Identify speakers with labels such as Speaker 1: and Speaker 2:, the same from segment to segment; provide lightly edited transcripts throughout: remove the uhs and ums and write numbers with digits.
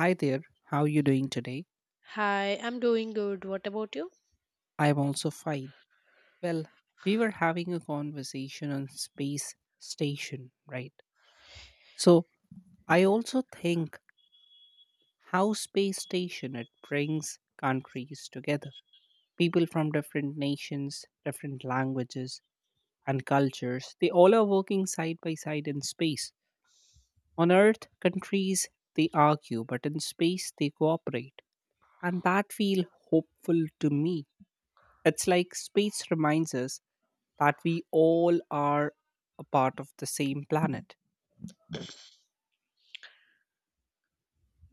Speaker 1: Hi there, how you doing today?
Speaker 2: Hi, I'm doing good. What about you?
Speaker 1: I'm also fine. Well, we were having a conversation on space station, right? So, I also think how space station it brings countries together. People from different nations, different languages and cultures, they all are working side by side in space. On earth, countries they argue, but in space they cooperate. And that feel hopeful to me. It's like space reminds us that we all are a part of the same planet.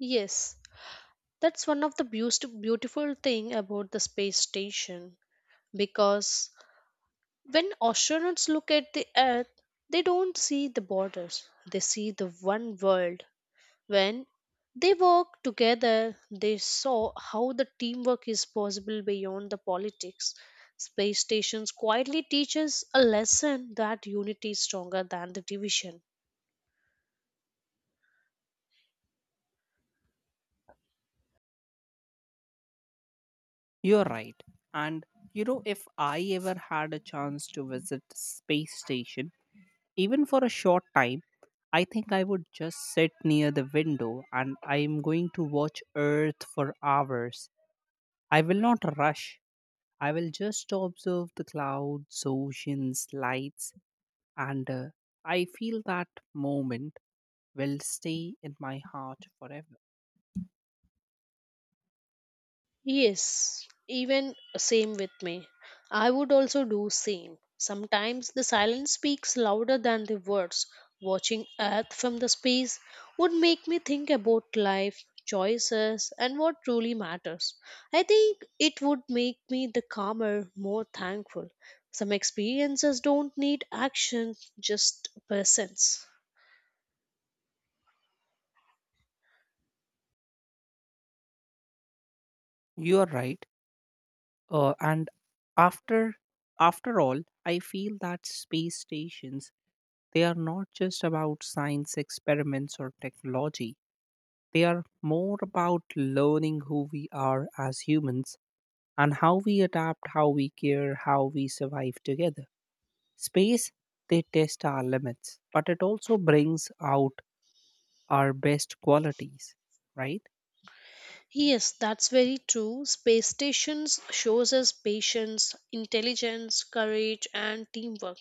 Speaker 2: Yes, that's one of the beautiful thing about the space station because when astronauts look at the Earth, they don't see the borders. They see the one world. When they work together, they saw how the teamwork is possible beyond the politics. Space stations quietly teaches a lesson that unity is stronger than the division.
Speaker 1: You're right. And you know, if I ever had a chance to visit space station, even for a short time, I think I would just sit near the window and I am going to watch Earth for hours. I will not rush. I will just observe the clouds, oceans, lights, and I feel that moment will stay in my heart forever.
Speaker 2: Yes, even same with me. I would also do same. Sometimes the silence speaks louder than the words. Watching Earth from the space would make me think about life, choices, and what truly matters. I think it would make me the calmer, more thankful. Some experiences don't need action, just presence.
Speaker 1: You are right. And after after all, I feel that space stations they are not just about science experiments or technology. They are more about learning who we are as humans and how we adapt, how we care, how we survive together. Space they test our limits, but it also brings out our best qualities, right?
Speaker 2: Yes, that's very true. Space stations shows us patience, intelligence, courage and teamwork.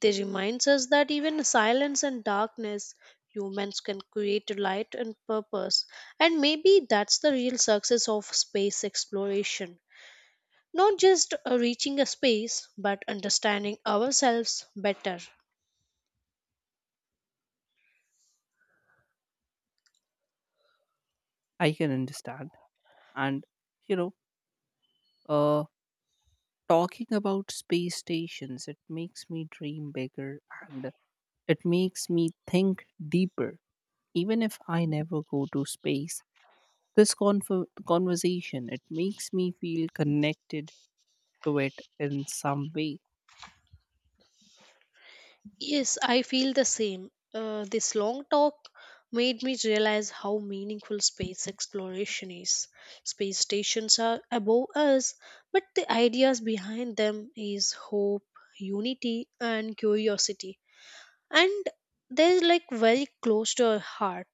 Speaker 2: They reminds us that even in silence and darkness humans can create light and purpose. And maybe that's the real success of space exploration. Not just reaching a space but understanding ourselves better.
Speaker 1: I can understand. And you know, uh. Talking about space stations, it makes me dream bigger and it makes me think deeper. Even if I never go to space, conversation, it makes me feel connected to it in some way.
Speaker 2: Yes, I feel the same. This long talk made me realize how meaningful space exploration is. Space stations are above us, but the ideas behind them is hope, unity, and curiosity. And they're like very close to our heart.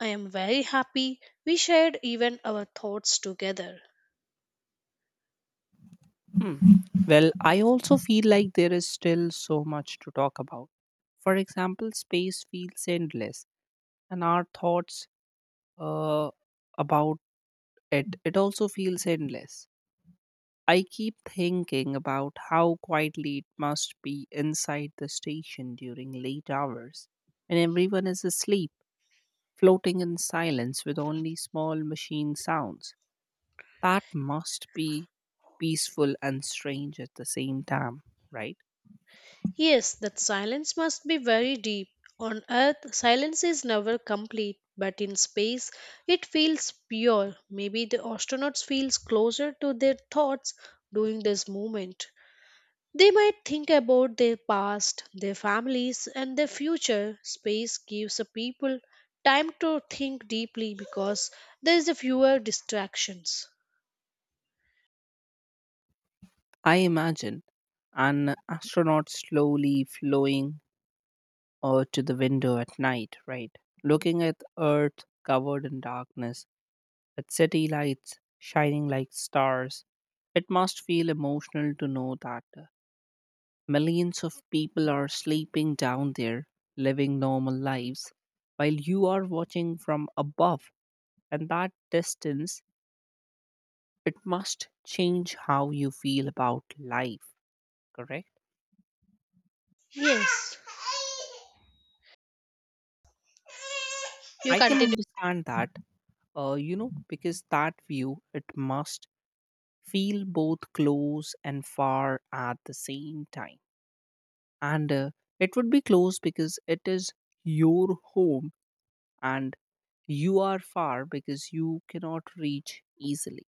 Speaker 2: I am very happy we shared even our thoughts together.
Speaker 1: Hmm. Well, I also feel like there is still so much to talk about. For example, space feels endless, and our thoughts uh, about it also feels endless. I keep thinking about how quietly it must be inside the station during late hours, and everyone is asleep, floating in silence with only small machine sounds. That must be peaceful and strange at the same time, right?
Speaker 2: Yes, that silence must be very deep. On earth, silence is never complete, but in space, it feels pure. Maybe the astronauts feels closer to their thoughts during this moment. They might think about their past, their families, and their future. Space gives the people time to think deeply because there is fewer distractions.
Speaker 1: I imagine an astronaut slowly flowing to the window at night, right? Looking at Earth covered in darkness with city lights shining like stars. It must feel emotional to know that millions of people are sleeping down there, living normal lives, while you are watching from above. And that distance, it must change how you feel about life, correct?
Speaker 2: Yes, you
Speaker 1: I can
Speaker 2: continue.
Speaker 1: understand that, you know, because that view, it must feel both close and far at the same time. And it would be close because it is your home and you are far because you cannot reach easily.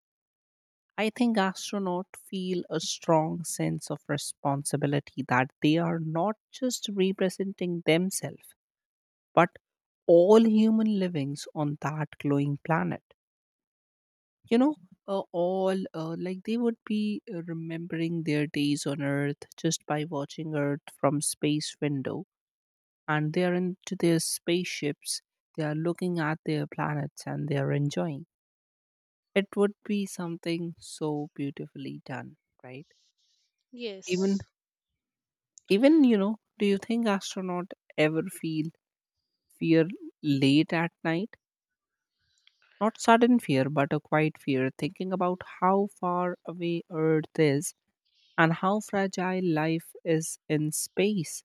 Speaker 1: I think astronauts feel a strong sense of responsibility that they are not just representing themselves, but all human livings on that glowing planet. You know, all like they would be remembering their days on Earth just by watching Earth from space window and they are into their spaceships. They are looking at their planets and they are enjoying. It would be something so beautifully done, right? Even,
Speaker 2: Yes.
Speaker 1: even you know, do you think astronaut ever feel fear late at night? Not sudden fear, but a quiet fear, thinking about how far away Earth is and how fragile life is in space.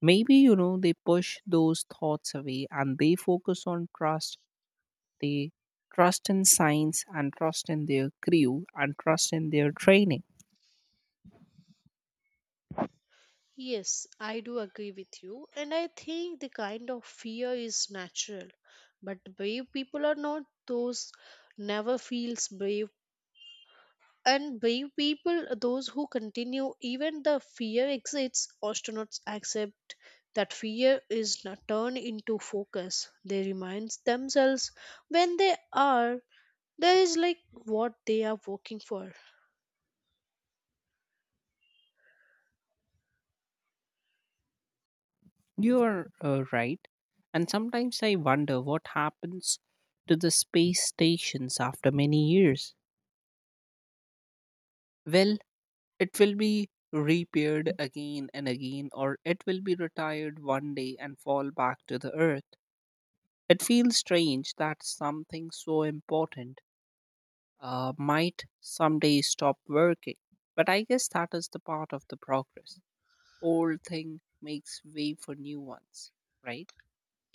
Speaker 1: Maybe, you know, they push those thoughts away and they focus on trust. They trust in science and trust in their crew and trust in their training.
Speaker 2: Yes, I do agree with you, and I think the kind of fear is natural. But brave people are not those never feels brave, and brave people are those who continue even the fear exists. Astronauts accept that fear is not turned into focus. They remind themselves when they are there is like what they are working for.
Speaker 1: You are right. And sometimes I wonder what happens to the space stations after many years. Well, it will be repaired again and again, or it will be retired one day and fall back to the earth. It feels strange that something so important might someday stop working. But I guess that is the part of the progress. Old thing makes way for new ones, right?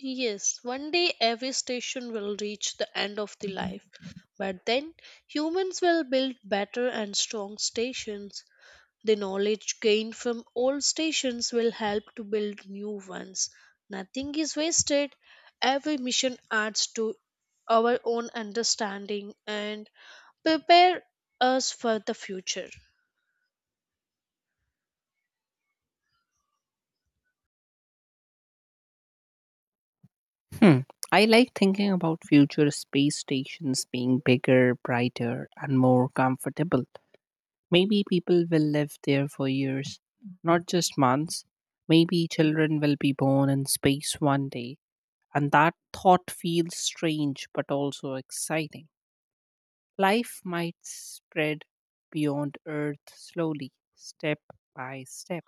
Speaker 2: Yes, one day every station will reach the end of the life. But then humans will build better and strong stations. The knowledge gained from old stations will help to build new ones. Nothing is wasted. Every mission adds to our own understanding and prepare us for the future.
Speaker 1: Hmm. I like thinking about future space stations being bigger, brighter, and more comfortable. Maybe people will live there for years, not just months. Maybe children will be born in space one day, and that thought feels strange but also exciting. Life might spread beyond Earth slowly, step by step.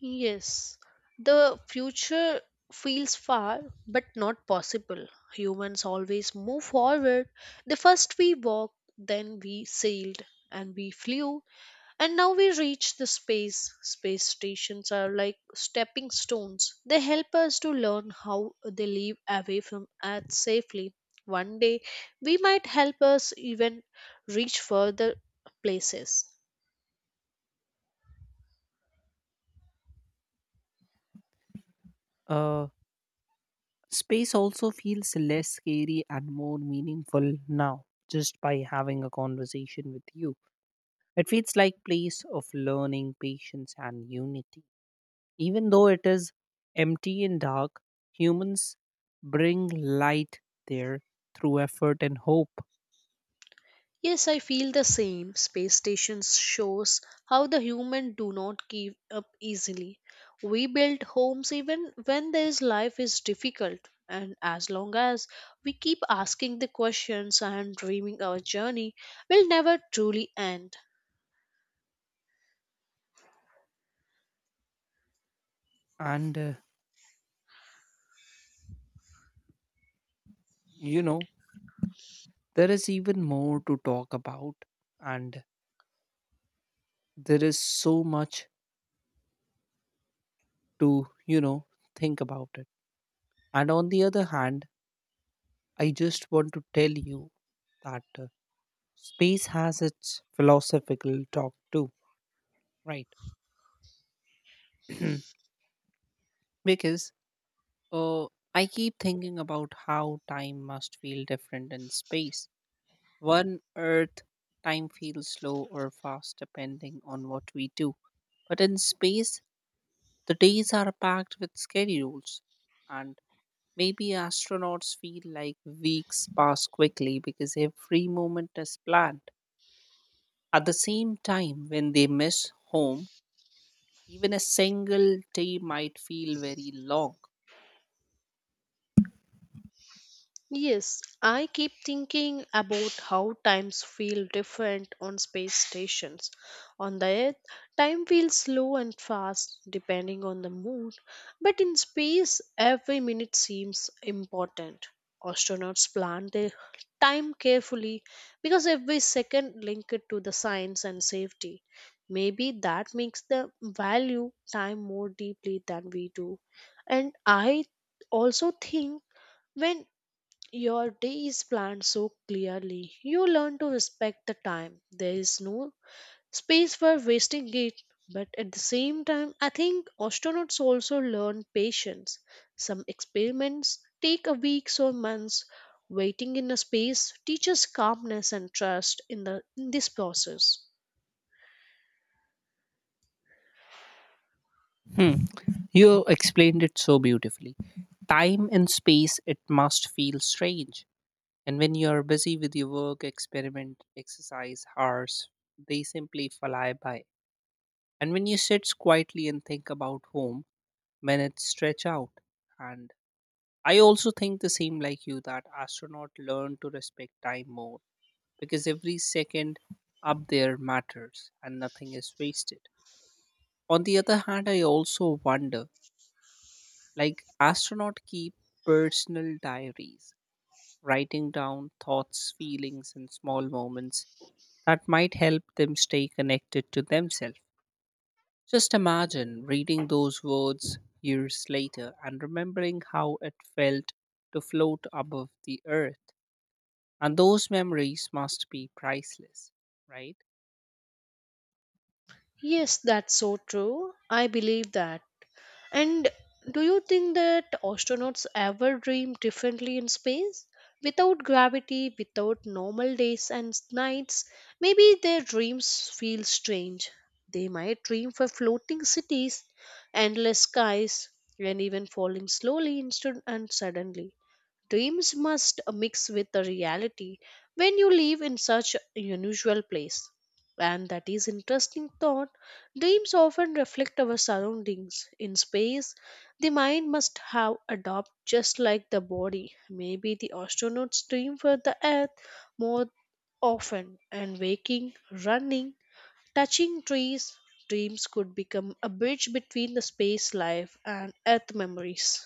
Speaker 2: Yes, the future feels far but not possible. Humans always move forward. The first we walked, then we sailed and we flew, and now we reach the space. Space stations are like stepping stones. They help us to learn how they live away from Earth safely. One day, we might help us even reach further places.
Speaker 1: Uh, Space also feels less scary and more meaningful now, just by having a conversation with you. It feels like place of learning, patience, and unity. Even though it is empty and dark, humans bring light there through effort and hope.
Speaker 2: Yes, I feel the same. Space stations shows how the human do not give up easily. We build homes even when this life is difficult, and as long as we keep asking the questions and dreaming our journey will never truly end.
Speaker 1: And you know, there is even more to talk about, and there is so much to think about it. And on the other hand I just want to tell you that space has its philosophical talk too, right? Because uh, I keep thinking about how time must feel different in space. One Earth, time feels slow or fast depending on what we do. But in space, the days are packed with schedules, and maybe astronauts feel like weeks pass quickly because every moment is planned. At the same time, when they miss home, even a single day might feel very long.
Speaker 2: Yes, I keep thinking about how times feel different on space stations. On the Earth, time feels slow and fast depending on the mood, but in space, every minute seems important. Astronauts plan their time carefully because every second linked to the science and safety. Maybe that makes the value time more deeply than we do. And I also think when your day is planned so clearly. You learn to respect the time. There is no space for wasting it. But at the same time, I think astronauts also learn patience. Some experiments take a weeks or months. Waiting in a space teaches calmness and trust in the in this process.
Speaker 1: Hmm. You explained it so beautifully. Time and space, it must feel strange. And when you are busy with your work, experiment, exercise, hours, they simply fly by. And when you sit quietly and think about home, minutes stretch out. And I also think the same like you that astronauts learn to respect time more because every second up there matters and nothing is wasted. On the other hand, I also wonder like, astronauts keep personal diaries, writing down thoughts, feelings, and small moments that might help them stay connected to themselves. Just imagine reading those words years later and remembering how it felt to float above the earth. And those memories must be priceless, right?
Speaker 2: Yes, that's so true. I believe that. And do you think that astronauts ever dream differently in space? Without gravity, without normal days and nights, maybe their dreams feel strange. They might dream for floating cities, endless skies, and even falling slowly instant and suddenly. Dreams must mix with the reality when you live in such a unusual place. And that is interesting thought. Dreams often reflect our surroundings. In space, the mind must have adopted just like the body. Maybe the astronauts dream for the Earth more often, and waking, running, touching trees, dreams could become a bridge between the space life and Earth memories.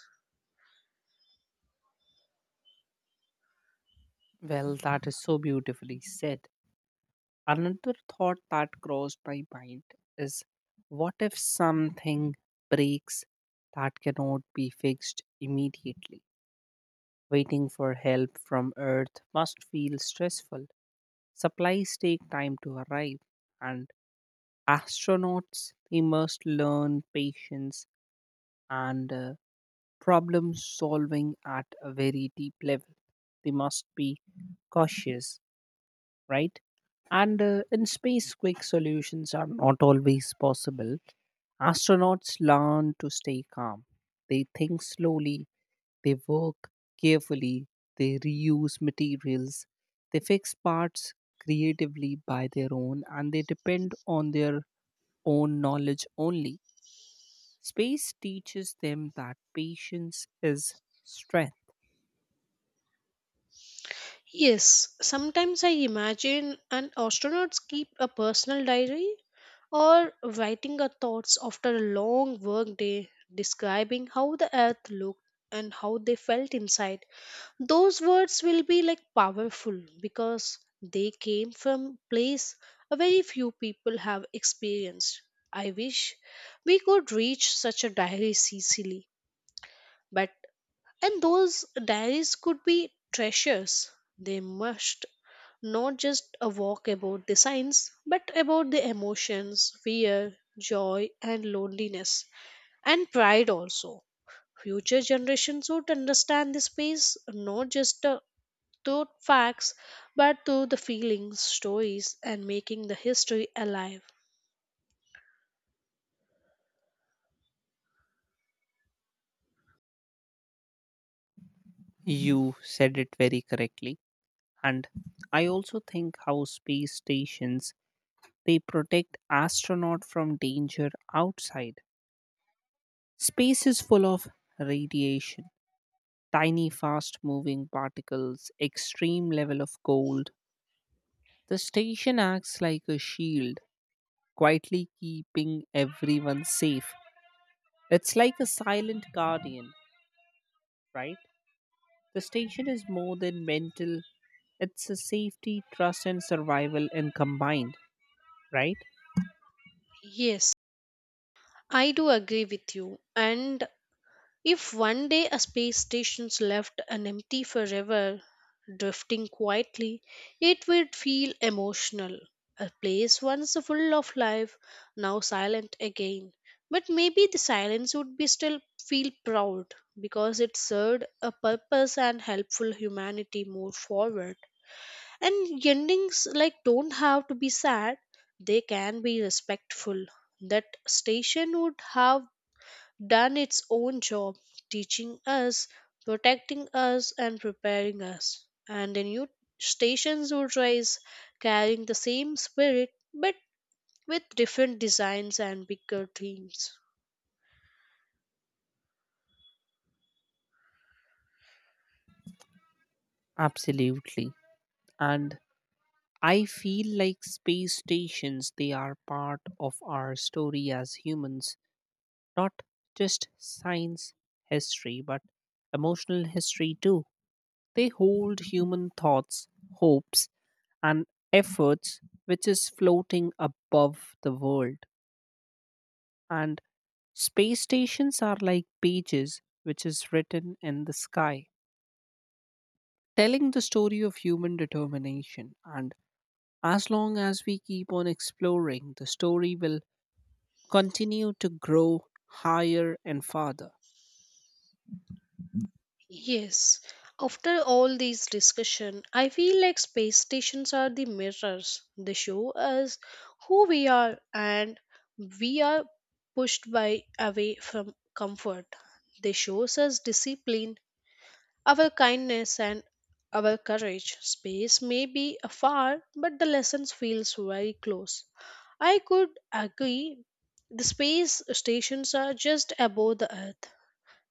Speaker 1: Well, that is so beautifully said. Another thought that crossed my mind is what if something breaks that cannot be fixed immediately? Waiting for help from Earth must feel stressful. Supplies take time to arrive, and astronauts they must learn patience and problem solving at a very deep level. They must be cautious, right? And in space, quick solutions are not always possible. Astronauts learn to stay calm. They think slowly, they work carefully, they reuse materials, they fix parts creatively by their own, and they depend on their own knowledge only. Space teaches them that patience is strength.
Speaker 2: Yes, sometimes I imagine an astronauts keep a personal diary or writing a thoughts after a long work day describing how the earth looked and how they felt inside those words will be like powerful because they came from place a very few people have experienced. I wish we could reach such a diary sicily but and those diaries could be treasures. They must not just a walk about the science, but about the emotions, fear, joy, and loneliness, and pride also. Future generations would understand the space not just through facts, but through the feelings, stories, and making the history alive.
Speaker 1: You said it very correctly. And I also think how space stations they protect astronauts from danger outside. Space is full of radiation, tiny fast moving particles, extreme level of cold. The station acts like a shield, quietly keeping everyone safe. It's like a silent guardian, right? The station is more than mental, it's a safety, trust, and survival in combined, right?
Speaker 2: Yes, I do agree with you, and if one day a space station's left and empty forever, drifting quietly, it would feel emotional. A place once full of life, now silent again. But maybe the silence would be still feel proud because it served a purpose and helpful humanity move forward. And endings like don't have to be sad, they can be respectful. That station would have done its own job, teaching us, protecting us, and preparing us. And the new stations would rise, carrying the same spirit but with different designs and bigger themes.
Speaker 1: Absolutely. And I feel like space stations, they are part of our story as humans, not just science history, but emotional history too. They hold human thoughts, hopes, and efforts which is floating above the world. And space stations are like pages which is written in the sky, telling the story of human determination. And as long as we keep on exploring, the story will continue to grow higher and farther.
Speaker 2: Yes, after all these discussion, I feel like space stations are the mirrors. They show us who we are and we are pushed by away from comfort. They shows us discipline. Our kindness and our courage. Space may be afar, but the lessons feels very close. I could agree. The space stations are just above the earth.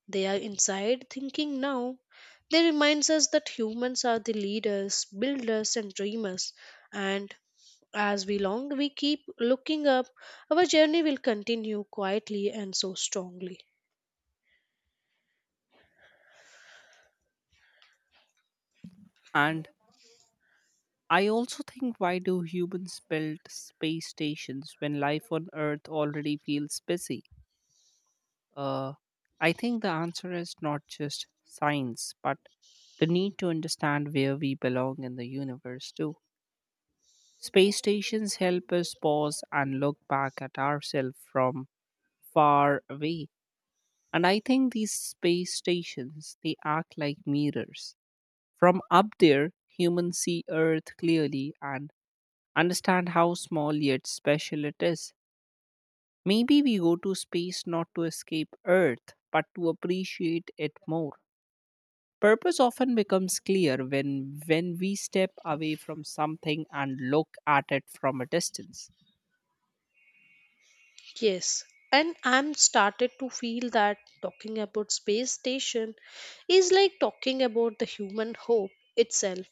Speaker 2: They are inside thinking now. They reminds us that humans are the leaders, builders and dreamers. And as we long we keep looking up, our journey will continue quietly and so strongly.
Speaker 1: And I also think why do humans build space stations when life on Earth already feels busy? Uh, I think the answer is not just science, but the need to understand where we belong in the universe too. Space stations help us pause and look back at ourselves from far away. And I think these space stations, they act like mirrors. From up there, humans see Earth clearly and understand how small yet special it is. Maybe we go to space not to escape Earth, but to appreciate it more. Purpose often becomes clear when we step away from something and look at it from a distance.
Speaker 2: Yes, and I'm started to feel that talking about space station is like talking about the human hope itself.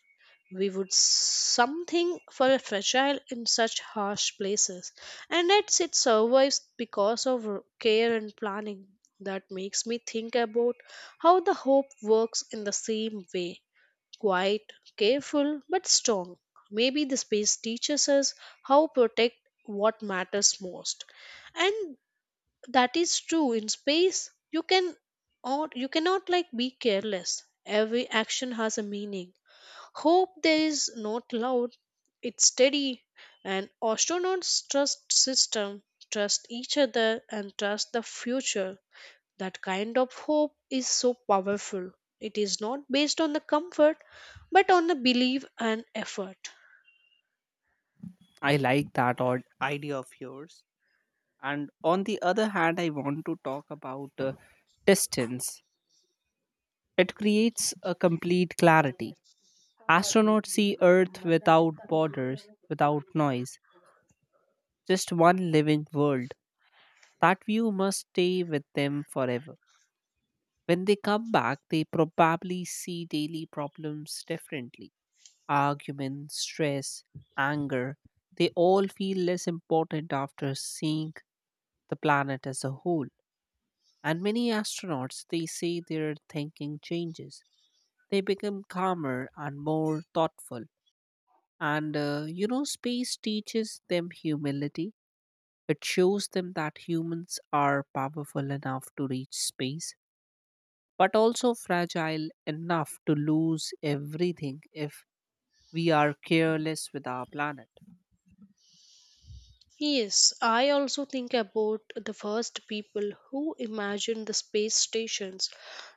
Speaker 2: We would something for fragile in such harsh places, and yet it survives because of care and planning. That makes me think about how the hope works in the same way quiet, careful, but strong. Maybe the space teaches us how protect what matters most, and that is true in space you can or you cannot like be careless, every action has a meaning, hope there is not loud, it's steady, and astronauts trust system, trust each other and trust the future. That kind of hope is so powerful. It is not based on the comfort but on the belief and effort.
Speaker 1: I like that odd idea of yours. And on the other hand, I want to talk about distance. It creates a complete clarity. Astronauts see Earth without borders, without noise, just one living world. That view must stay with them forever. When they come back, they probably see daily problems differently: arguments, stress, anger. They all feel less important after seeing the planet as a whole. And many astronauts, they say their thinking changes. They become calmer and more thoughtful. And you know, space teaches them humility. It shows them that humans are powerful enough to reach space, but also fragile enough to lose everything if we are careless with our planet.
Speaker 2: Yes, I also think about the first people who imagined the space stations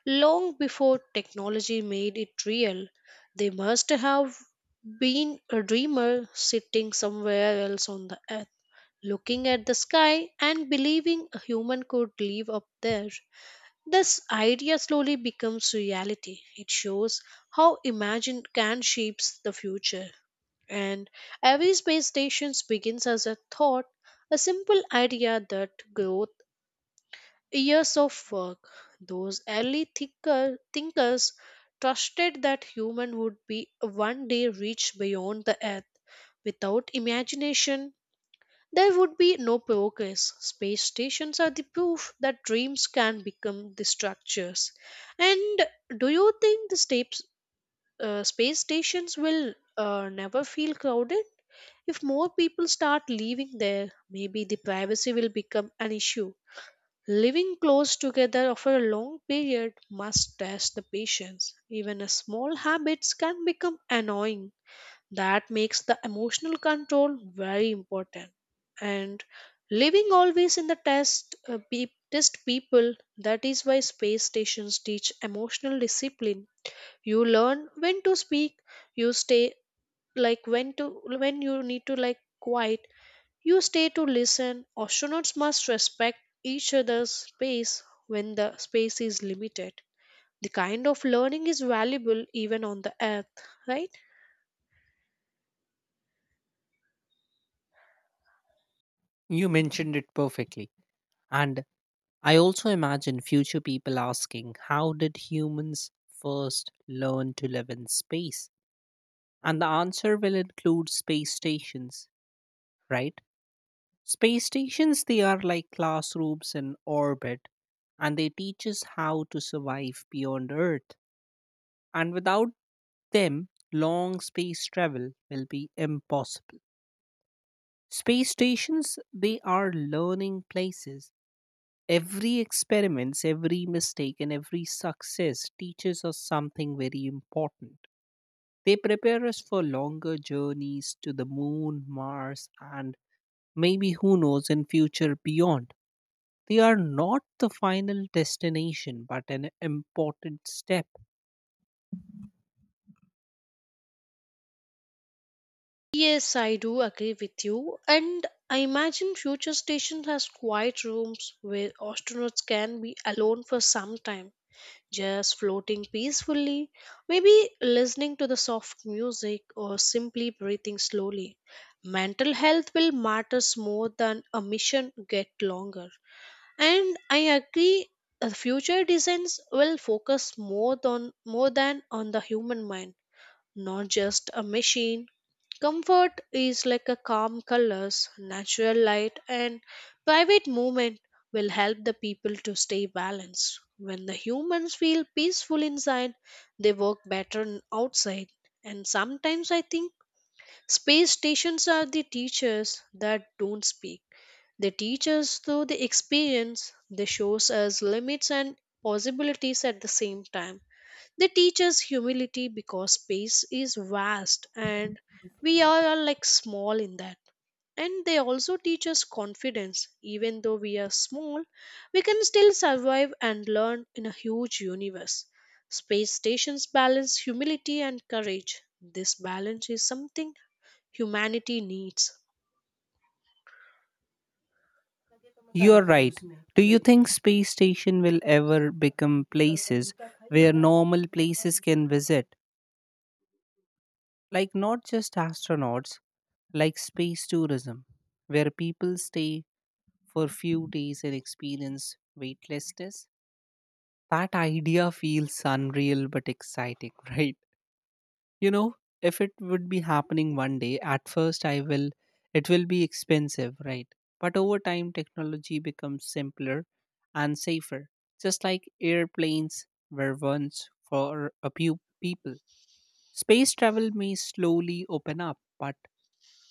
Speaker 2: long before technology made it real. They must have been a dreamer sitting somewhere else on the earth, looking at the sky and believing a human could live up there. This idea slowly becomes reality. It shows how imagination can shape the future. And every space station begins as a thought, a simple idea that growth years of work. Those early thinkers trusted that human would be one day reach beyond the earth. Without imagination, there would be no progress. Space stations are the proof that dreams can become the structures. And do you think the space stations will never feel crowded? If more people start living there, maybe the privacy will become an issue. Living close together for a long period must test the patience. Even a small habits can become annoying. That makes the emotional control very important. And living always in the test test people, that is why space stations teach emotional discipline. You learn when to speak, you stay like when to when you need to like quiet you stay to listen. Astronauts must respect each other's space when the space is limited. The kind of learning is valuable even on the earth, right?
Speaker 1: You mentioned it perfectly. And I also imagine future people asking, "How did humans first learn to live in space?" And the answer will include space stations, right? Space stations, they are like classrooms in orbit, and they teach us how to survive beyond Earth. And without them, long space travel will be impossible. Space stations, they are learning places. Every experiments, every mistake, and every success teaches us something very important. They prepare us for longer journeys to the moon, Mars, and maybe who knows in future beyond. They are not the final destination, but an important step.
Speaker 2: Yes, I do agree with you. And I imagine future stations has quiet rooms where astronauts can be alone for some time just floating peacefully, maybe listening to the soft music or simply breathing slowly. Mental health will matters more than a mission get longer. And I agree future designs will focus more on more than on the human mind not just a machine. Comfort is like a calm colors, natural light, and private movement will help the people to stay balanced. When the humans feel peaceful inside, they work better outside. And sometimes I think space stations are the teachers that don't speak. They teach us through the experience. They shows us limits and possibilities at the same time. They teach us humility because space is vast and we are all like small in that. And they also teach us confidence. Even though we are small, we can still survive and learn in a huge universe. Space stations balance humility and courage. This balance is something humanity needs.
Speaker 1: You are right. Do you think space station will ever become places where normal places can visit? Like not just astronauts, like space tourism, where people stay for few days and experience weightlessness. That idea feels unreal but exciting, right? You know, if it would be happening one day, at first I will, it will be expensive, right? But over time, technology becomes simpler and safer, just like airplanes were once for a few people. Space travel may slowly open up, but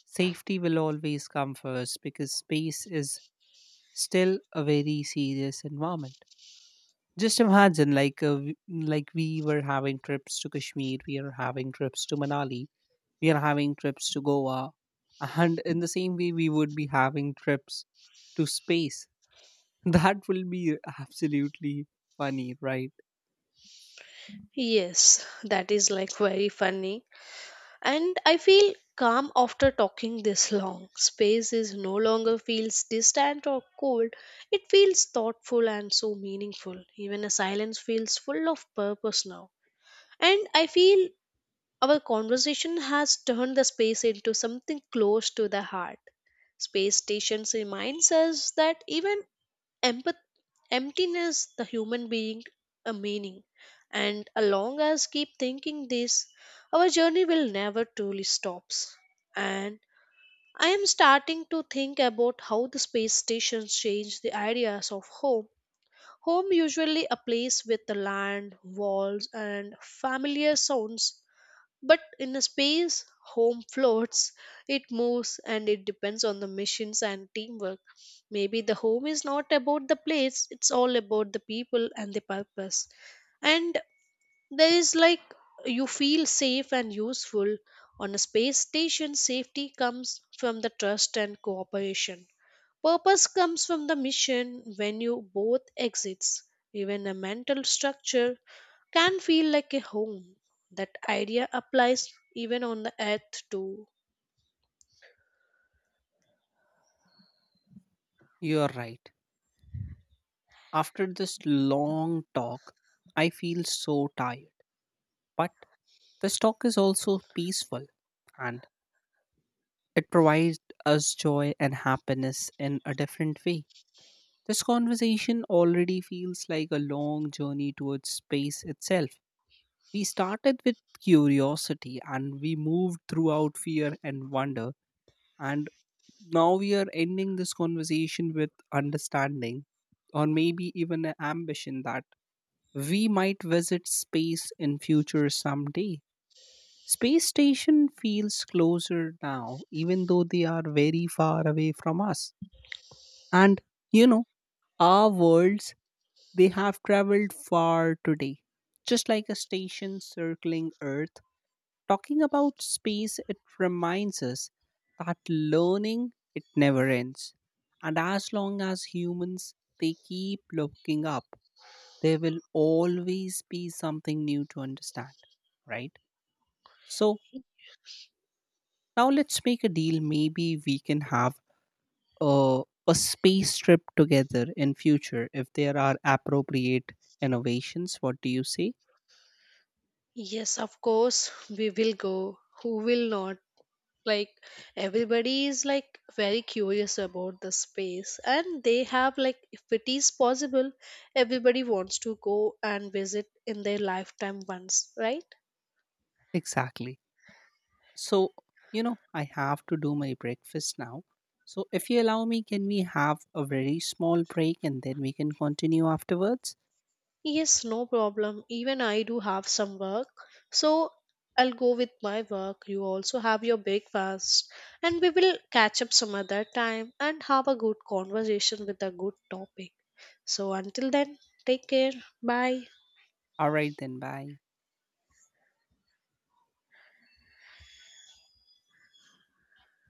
Speaker 1: safety will always come first because space is still a very serious environment. Just imagine, like, like we were having trips to Kashmir, we are having trips to Manali, we are having trips to Goa, and in the same way, we would be having trips to space. That will be absolutely funny, right?
Speaker 2: Yes, that is like very funny. And I feel calm after talking this long. Space is no longer feels distant or cold, it feels thoughtful and so meaningful, even a silence feels full of purpose now. And I feel our conversation has turned the space into something close to the heart. Space stations reminds us that even empath- emptiness the human being a meaning, and as long as keep thinking this our journey will never truly stops. And I am starting to think about how the space stations change the ideas of home. Home usually a place with the land walls and familiar sounds, but in a space, home floats, it moves and it depends on the missions and teamwork. Maybe the home is not about the place, it's all about the people and the purpose. And there is like you feel safe and useful. On a space station, safety comes from the trust and cooperation. Purpose comes from the mission when you both exits. Even a mental structure can feel like a home. That idea applies even on the earth too.
Speaker 1: You're right. After this long talk, I feel so tired. But this talk is also peaceful and it provides us joy and happiness in a different way. This conversation already feels like a long journey towards space itself. We started with curiosity and we moved throughout fear and wonder. And now we are ending this conversation with understanding or maybe even an ambition that we might visit space in future someday. Space station feels closer now, even though they are very far away from us. And you know, our worlds they have traveled far today, just like a station circling Earth. Talking about space, it reminds us that learning it never ends. And as long as humans they keep looking up, there will always be something new to understand, right? So now let's make a deal. Maybe we can have uh, a space trip together in future if there are appropriate innovations. What do you say?
Speaker 2: Yes, of course, we will go. Who will not? Like, everybody is like very curious about the space, and they have like, if it is possible, everybody wants to go and visit in their lifetime once, right?
Speaker 1: Exactly. So you know I have to do my breakfast now, so if you allow me can we have a very small break and then we can continue afterwards?
Speaker 2: Yes, no problem. Even I do have some work. So I'll go with my work. You also have your breakfast. And we will catch up some other time and have a good conversation with a good topic. So until then, take care. Bye.
Speaker 1: All right then, bye.